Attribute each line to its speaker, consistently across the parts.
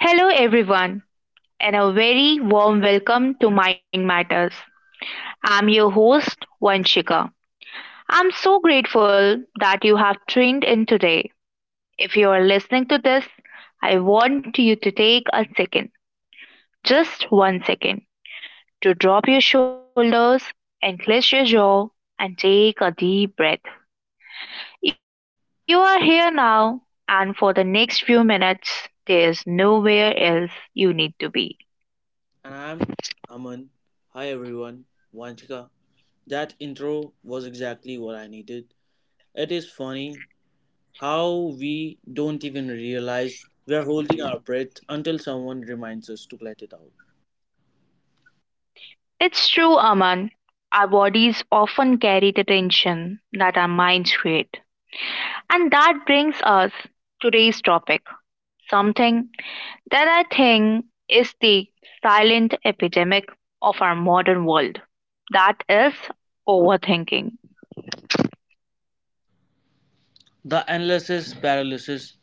Speaker 1: Hello, everyone, and a very warm welcome to Mind Matters. I'm your host, Vanshika. I'm so grateful that you have tuned in today. If you are listening to this, I want you to take a second, just one second, to drop your shoulders and clench your jaw and take a deep breath. You are here now, and for the next few minutes, there's nowhere else you need to be.
Speaker 2: And I'm Aman. Hi everyone. Vanchika. That intro was exactly what I needed. It is funny how we don't even realize we are holding our breath until someone reminds us to let it out.
Speaker 1: It's true, Aman. Our bodies often carry the tension that our minds create. And that brings us today's topic, something that I think is the silent epidemic of our modern world. That is overthinking.
Speaker 2: The analysis paralysis,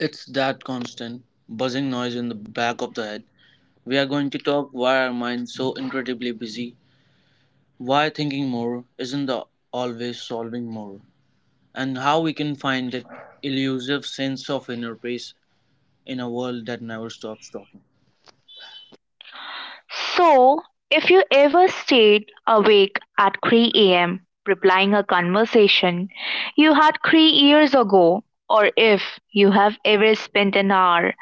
Speaker 2: it's that constant buzzing noise in the back of the head. We are going to talk why our minds so incredibly busy, why thinking more isn't the always solving more, and how we can find that elusive sense of inner peace in a world that never stops talking.
Speaker 1: So, if you ever stayed awake at 3 a.m. replying a conversation you had 3 years ago, or if you have ever spent an hour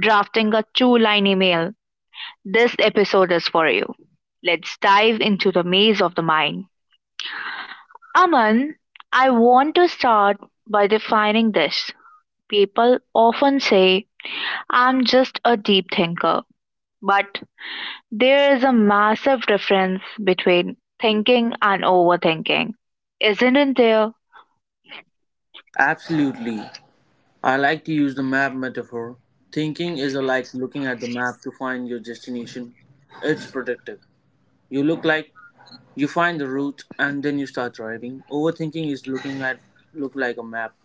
Speaker 1: drafting a two line email. This episode is for you. Let's dive into the maze of the mind. Aman, I want to start by defining this. People often say, I'm just a deep thinker, but there is a massive difference between thinking and overthinking, isn't there?
Speaker 2: Absolutely. I like to use the map metaphor. Thinking is like looking at the map to find your destination. It's predictive. You look like you find the route and then you start driving. Overthinking is looking at look like a map,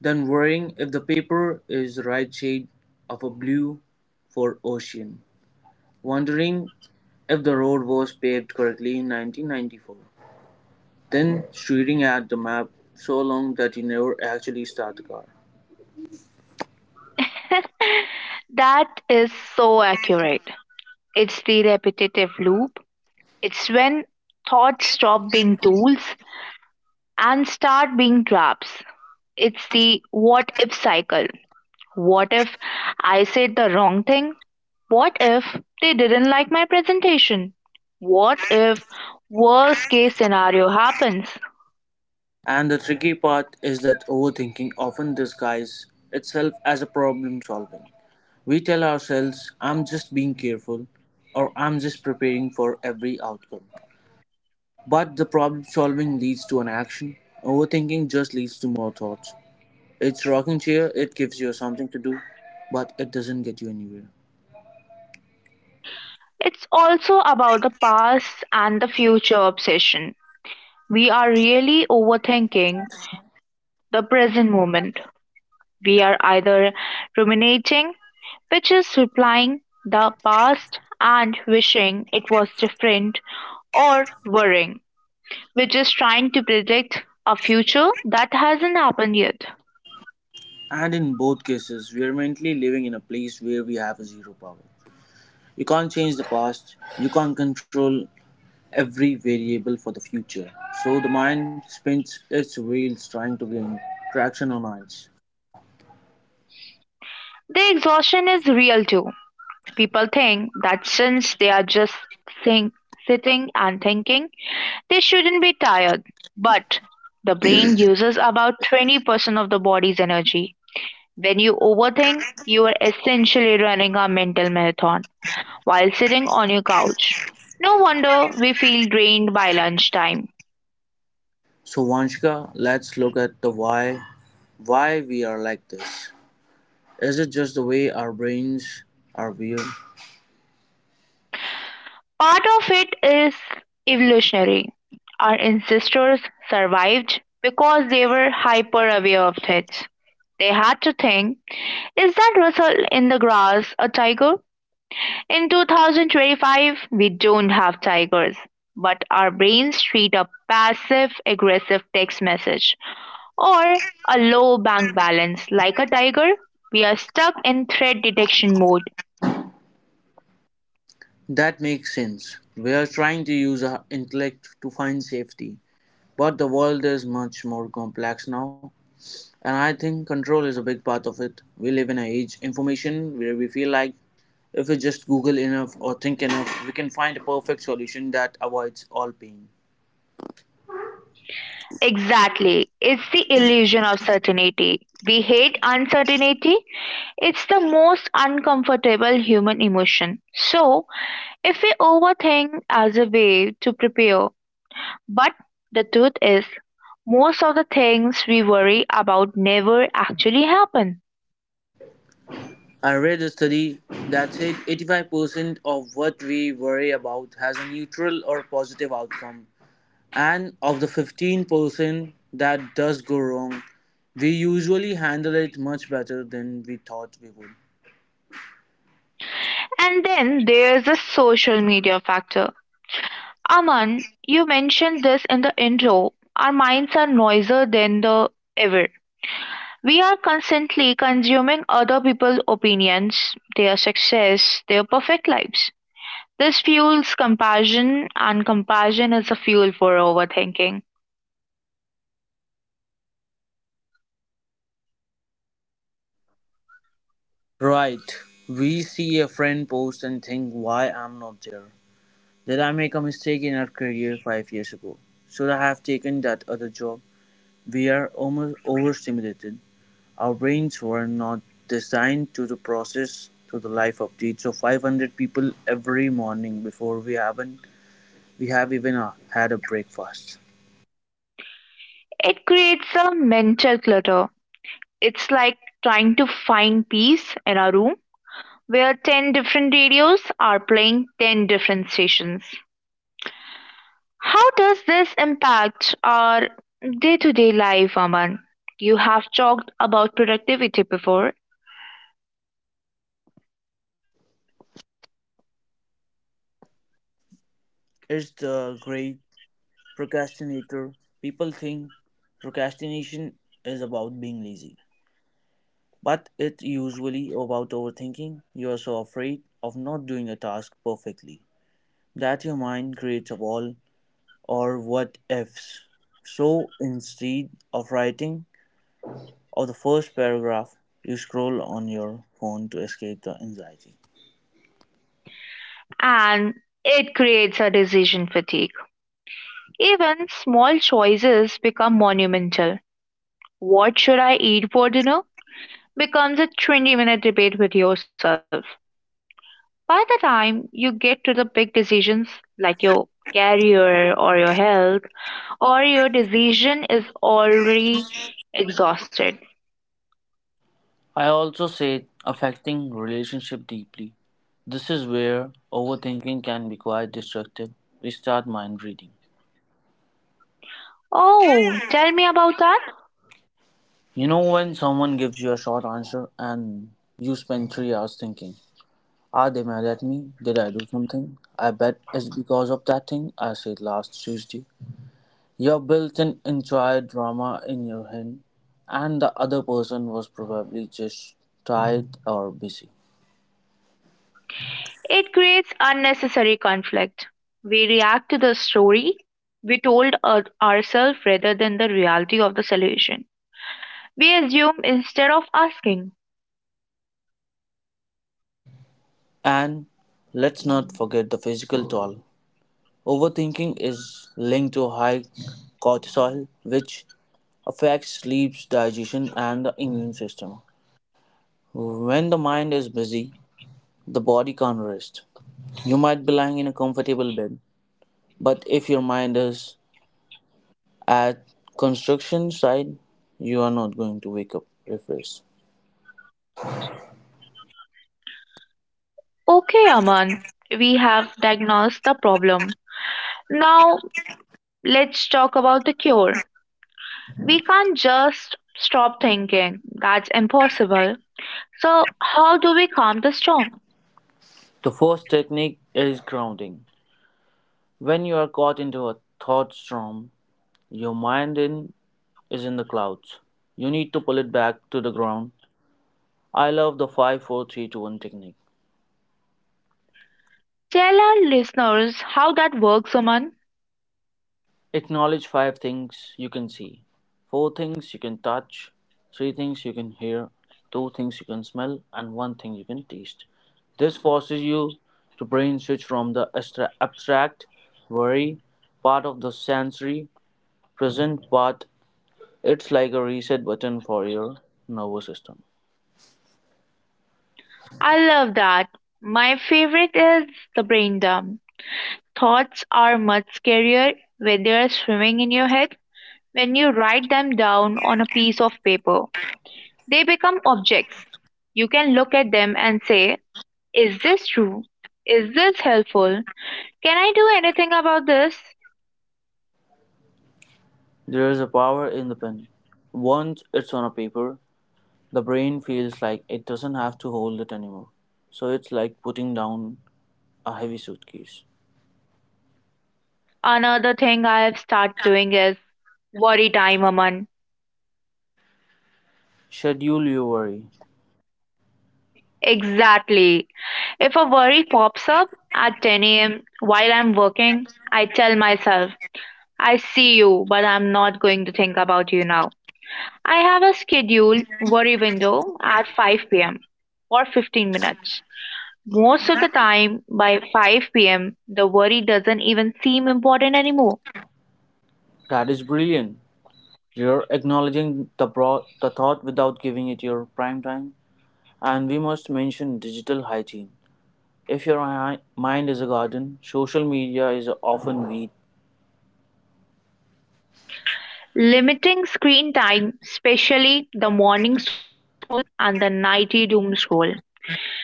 Speaker 2: then worrying if the paper is the right shade of a blue for ocean. Wondering if the road was paved correctly in 1994. Then staring at the map so long that you never actually start the car.
Speaker 1: That is so accurate. It's the repetitive loop. It's when thoughts stop being tools and start being traps. It's the what if cycle. What if I said the wrong thing? What if they didn't like my presentation? What if worst case scenario happens?
Speaker 2: And the tricky part is that overthinking often disguises itself as a problem solving. We tell ourselves, I'm just being careful, or I'm just preparing for every outcome. But the problem solving leads to an action. Overthinking just leads to more thoughts. It's rocking chair, it gives you something to do, but it doesn't get you anywhere.
Speaker 1: It's also about the past and the future obsession. We are really overthinking the present moment. We are either ruminating, which is replying the past and wishing it was different, or worrying, which is trying to predict a future that hasn't happened yet.
Speaker 2: And in both cases, we are mentally living in a place where we have a zero power. You can't change the past, you can't control every variable for the future. So the mind spins its wheels trying to gain traction on ice.
Speaker 1: The exhaustion is real too. People think that since they are just think, sitting and thinking, they shouldn't be tired. But the brain uses about 20% of the body's energy. When you overthink, you are essentially running a mental marathon while sitting on your couch. No wonder we feel drained by lunchtime.
Speaker 2: So Vanshika, let's look at the why we are like this. Is it just the way our brains are wired?
Speaker 1: Part of it is evolutionary. Our ancestors survived because they were hyper aware of threats. They had to think, is that rustle in the grass a tiger? In 2025, we don't have tigers, but our brains treat a passive aggressive text message or a low bank balance like a tiger. We are stuck in threat detection mode.
Speaker 2: That makes sense. We are trying to use our intellect to find safety. But the world is much more complex now. And I think control is a big part of it. We live in an age information where we feel like if we just Google enough or think enough, we can find a perfect solution that avoids all pain.
Speaker 1: Exactly. It's the illusion of certainty. We hate uncertainty. It's the most uncomfortable human emotion. So, if we overthink as a way to prepare, but the truth is, most of the things we worry about never actually happen.
Speaker 2: I read a study that said 85% of what we worry about has a neutral or positive outcome. And of the 15% that does go wrong, we usually handle it much better than we thought we would.
Speaker 1: And then there's the social media factor. Aman, you mentioned this in the intro. Our minds are noisier than the ever. We are constantly consuming other people's opinions, their success, their perfect lives. This fuels compassion, and compassion is a fuel for overthinking.
Speaker 2: Right. We see a friend post and think, why I'm not there. Did I make a mistake in our career 5 years ago? Should I have taken that other job? We are almost overstimulated. Our brains were not designed to the process to the life updates of 500 people every morning before we haven't we have even had a breakfast.
Speaker 1: It creates a mental clutter. It's like trying to find peace in a room where 10 different radios are playing 10 different stations. How does this impact our day to day life, Aman? You have talked about productivity before,
Speaker 2: It's the great procrastinator. People think procrastination is about being lazy, but it's usually about overthinking. You are so afraid of not doing a task perfectly that your mind creates a wall or what ifs. So instead of writing of the first paragraph, you scroll on your phone to escape the anxiety.
Speaker 1: and it creates a decision fatigue. Even small choices become monumental. What should I eat for dinner becomes a 20-minute debate with yourself. By the time you get to the big decisions like your career or your health, or your decision is already exhausted.
Speaker 2: I also say affecting relationship deeply. This is where overthinking can be quite destructive. We start mind reading.
Speaker 1: Oh, tell me about that.
Speaker 2: You know when someone gives you a short answer and you spend 3 hours thinking, are they mad at me? Did I do something? I bet it's because of that thing I said last Tuesday. You built an entire drama in your head, and the other person was probably just tired or busy.
Speaker 1: It creates unnecessary conflict. We react to the story we told ourselves rather than the reality of the solution. We assume instead of asking.
Speaker 2: And let's not forget the physical toll. Overthinking is linked to high cortisol, which affects sleep, digestion, and the immune system. When the mind is busy, the body can't rest. You might be lying in a comfortable bed, but if your mind is at construction site, you are not going to wake up refreshed.
Speaker 1: Okay, Aman, we have diagnosed the problem. Now let's talk about the cure. We can't just stop thinking. That's impossible. So, how do we calm the storm?
Speaker 2: The first technique is grounding. When you are caught into a thought storm, your mind in, is in the clouds. You need to pull it back to the ground. I love the five, four, three, two, one technique.
Speaker 1: Tell our listeners how that works, Aman.
Speaker 2: Acknowledge 5 things you can see, 4 things you can touch, 3 things you can hear, 2 things you can smell, and 1 thing you can taste. This forces you to brain switch from the abstract, worry part of the sensory, present part. It's like a reset button for your nervous system.
Speaker 1: I love that. My favorite is the brain dump. Thoughts are much scarier when they are swimming in your head. When you write them down on a piece of paper, they become objects. You can look at them and say, is this true? Is this helpful? Can I do anything about this?
Speaker 2: There is a power in the pen. Once it's on a paper, the brain feels like it doesn't have to hold it anymore. So it's like putting down a heavy suitcase.
Speaker 1: Another thing I have started doing is worry time, Aman.
Speaker 2: Schedule your worry.
Speaker 1: Exactly. If a worry pops up at 10 a.m. while I'm working, I tell myself, I see you, but I'm not going to think about you now. I have a scheduled worry window at 5 p.m. for 15 minutes. Most of the time, by 5 p.m., the worry doesn't even seem important anymore.
Speaker 2: That is brilliant. You're acknowledging the, the thought without giving it your prime time. And we must mention digital hygiene. If your mind is a garden, social media is often weed.
Speaker 1: Limiting screen time, especially the morning scroll and the nighty doom scroll.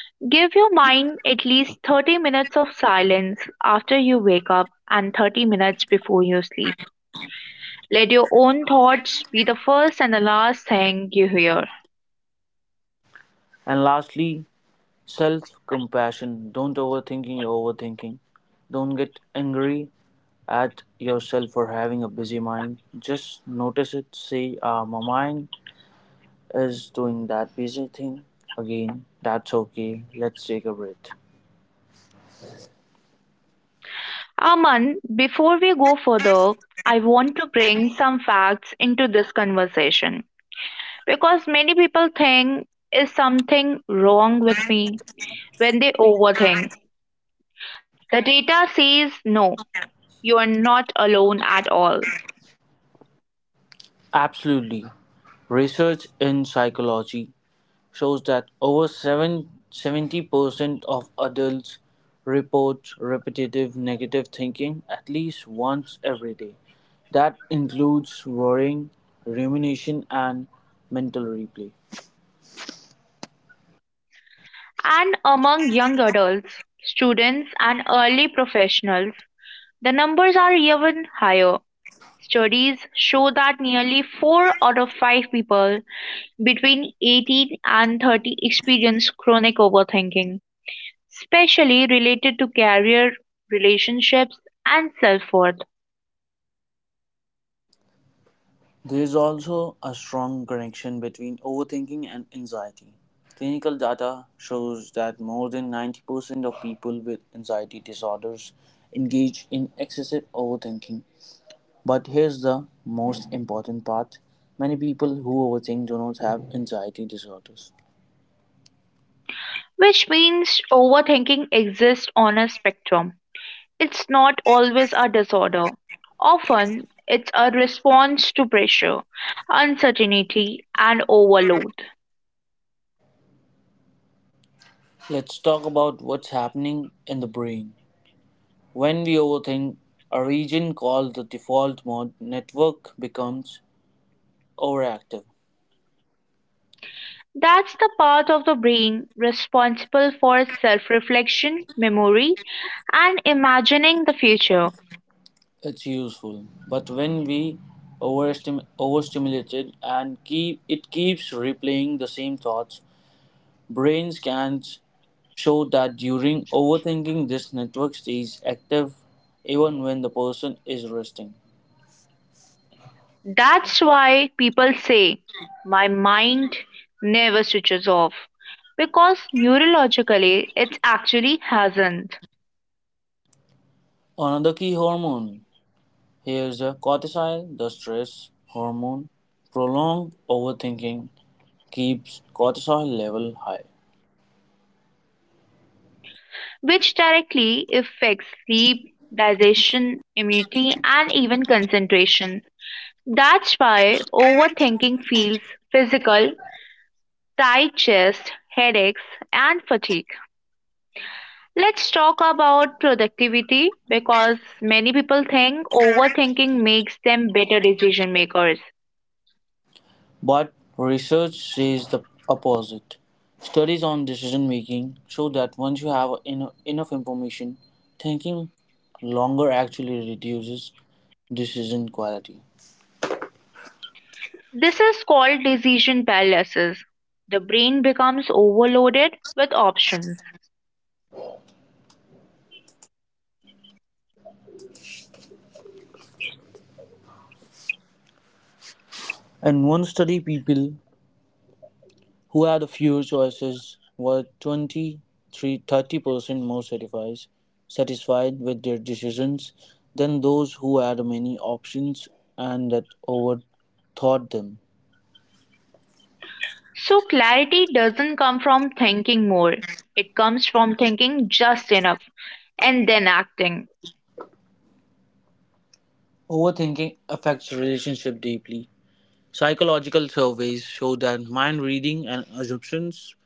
Speaker 1: Give your mind at least 30 minutes of silence after you wake up and 30 minutes before you sleep. Let your own thoughts be the first and the last thing you hear.
Speaker 2: And lastly, self compassion. Don't overthinking. Your overthinking. Don't get angry at yourself for having a busy mind. Just notice it. Say, my mind is doing that busy thing again. That's okay. Let's take a breath.
Speaker 1: Aman, before we go further, I want to bring some facts into this conversation because many people think, is something wrong with me when they overthink. The data says no, you are not alone at all.
Speaker 2: Absolutely. Research in psychology shows that over 70% of adults report repetitive negative thinking at least once every day. That includes worrying, rumination, and mental replay.
Speaker 1: And among young adults, students, and early professionals, the numbers are even higher. Studies show that nearly four out of five people between 18 and 30 experience chronic overthinking, especially related to career, relationships, and self worth,
Speaker 2: There is also a strong connection between overthinking and anxiety. Clinical data shows that more than 90% of people with anxiety disorders engage in excessive overthinking. But here's the most important part, many people who overthink do not have anxiety disorders.
Speaker 1: which means overthinking exists on a spectrum. It's not always a disorder. Often, it's a response to pressure, uncertainty, and overload.
Speaker 2: Let's talk about what's happening in the brain. When we overthink, a region called the default mode network becomes overactive.
Speaker 1: That's the part of the brain responsible for self reflection, memory, and imagining the future.
Speaker 2: It's useful, but when we overstimulate it and keeps replaying the same thoughts. Brain scans show that during overthinking this network stays active even when the person is resting.
Speaker 1: That's why people say, my mind never switches off, because neurologically it actually hasn't,
Speaker 2: Another key hormone here is the cortisol, the stress hormone. Prolonged overthinking keeps cortisol level high.
Speaker 1: which directly affects sleep, digestion, immunity, and even concentration. That's why overthinking feels physical, tight chest, headaches, and fatigue. Let's talk about productivity because many people think overthinking makes them better decision makers.
Speaker 2: But research says the opposite. Studies on decision making show that once you have enough information, thinking longer actually reduces decision quality.
Speaker 1: This is called decision paralysis. The brain becomes overloaded with options.
Speaker 2: In one study, people who had fewer choices were 20% more satisfied, satisfied with their decisions than those who had many options and that overthought them.
Speaker 1: So, clarity doesn't come from thinking more, it comes from thinking just enough and then acting.
Speaker 2: Overthinking affects relationship deeply. Psychological surveys show that mind reading and assumptions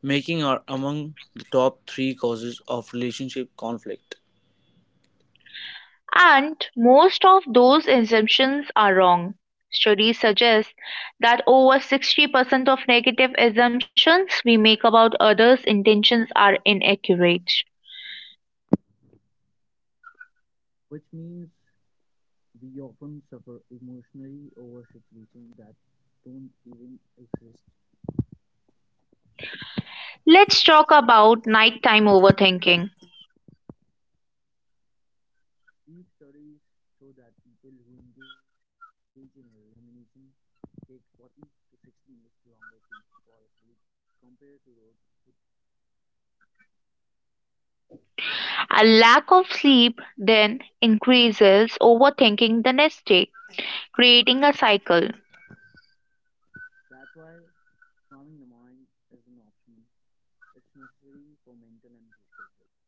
Speaker 2: making are among the top three causes of relationship conflict,
Speaker 1: And most of those assumptions are wrong. Studies suggest that over 60% of negative assumptions we make about others' intentions are inaccurate.
Speaker 2: which means we often suffer emotionally over situations that don't even exist.
Speaker 1: Let's talk about nighttime overthinking.
Speaker 2: Deep studies show that people who engage in rumination take 40 to 60 minutes longer to fall asleep compared to those who.
Speaker 1: A lack of sleep then increases overthinking the next day, creating a cycle.
Speaker 2: That's why calming the mind is an option. It's necessary for mental and physical health.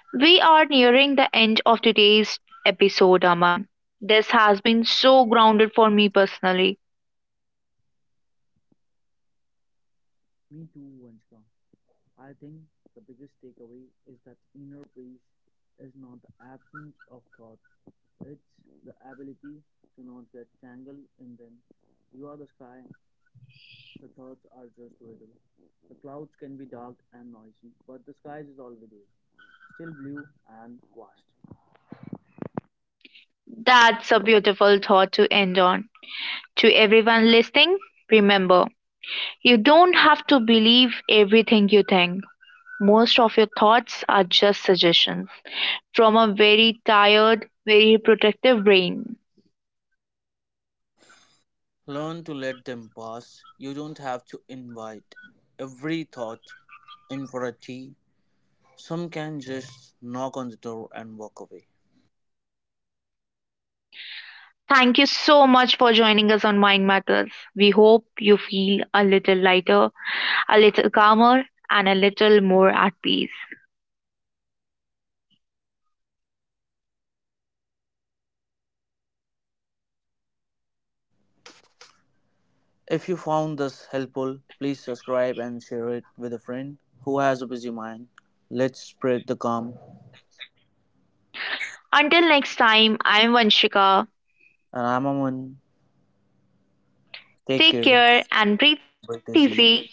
Speaker 1: We are nearing the end of today's episode, Aman. This has been so grounded for me personally.
Speaker 2: Me too, Vanshika. I think the biggest takeaway is that inner peace is not the absence of thoughts, it's the ability to not get tangled in them. You are the sky, the thoughts are just weather. The clouds can be dark and noisy, but the sky is always there, still blue and vast.
Speaker 1: That's a beautiful thought to end on. To everyone listening, remember, you don't have to believe everything you think. Most of your thoughts are just suggestions from a very tired, very protective brain.
Speaker 2: Learn to let them pass. You don't have to invite every thought in for a tea. Some can just knock on the door and walk away.
Speaker 1: Thank you so much for joining us on Mind Matters. We hope you feel a little lighter, a little calmer, and a little more at peace.
Speaker 2: If you found this helpful, please subscribe and share it with a friend who has a busy mind. Let's spread the calm.
Speaker 1: Until next time, I'm Vanshika.
Speaker 2: And I'm Aman. Take
Speaker 1: Take
Speaker 2: care.
Speaker 1: care and breathe
Speaker 2: Break the sea.
Speaker 1: easy.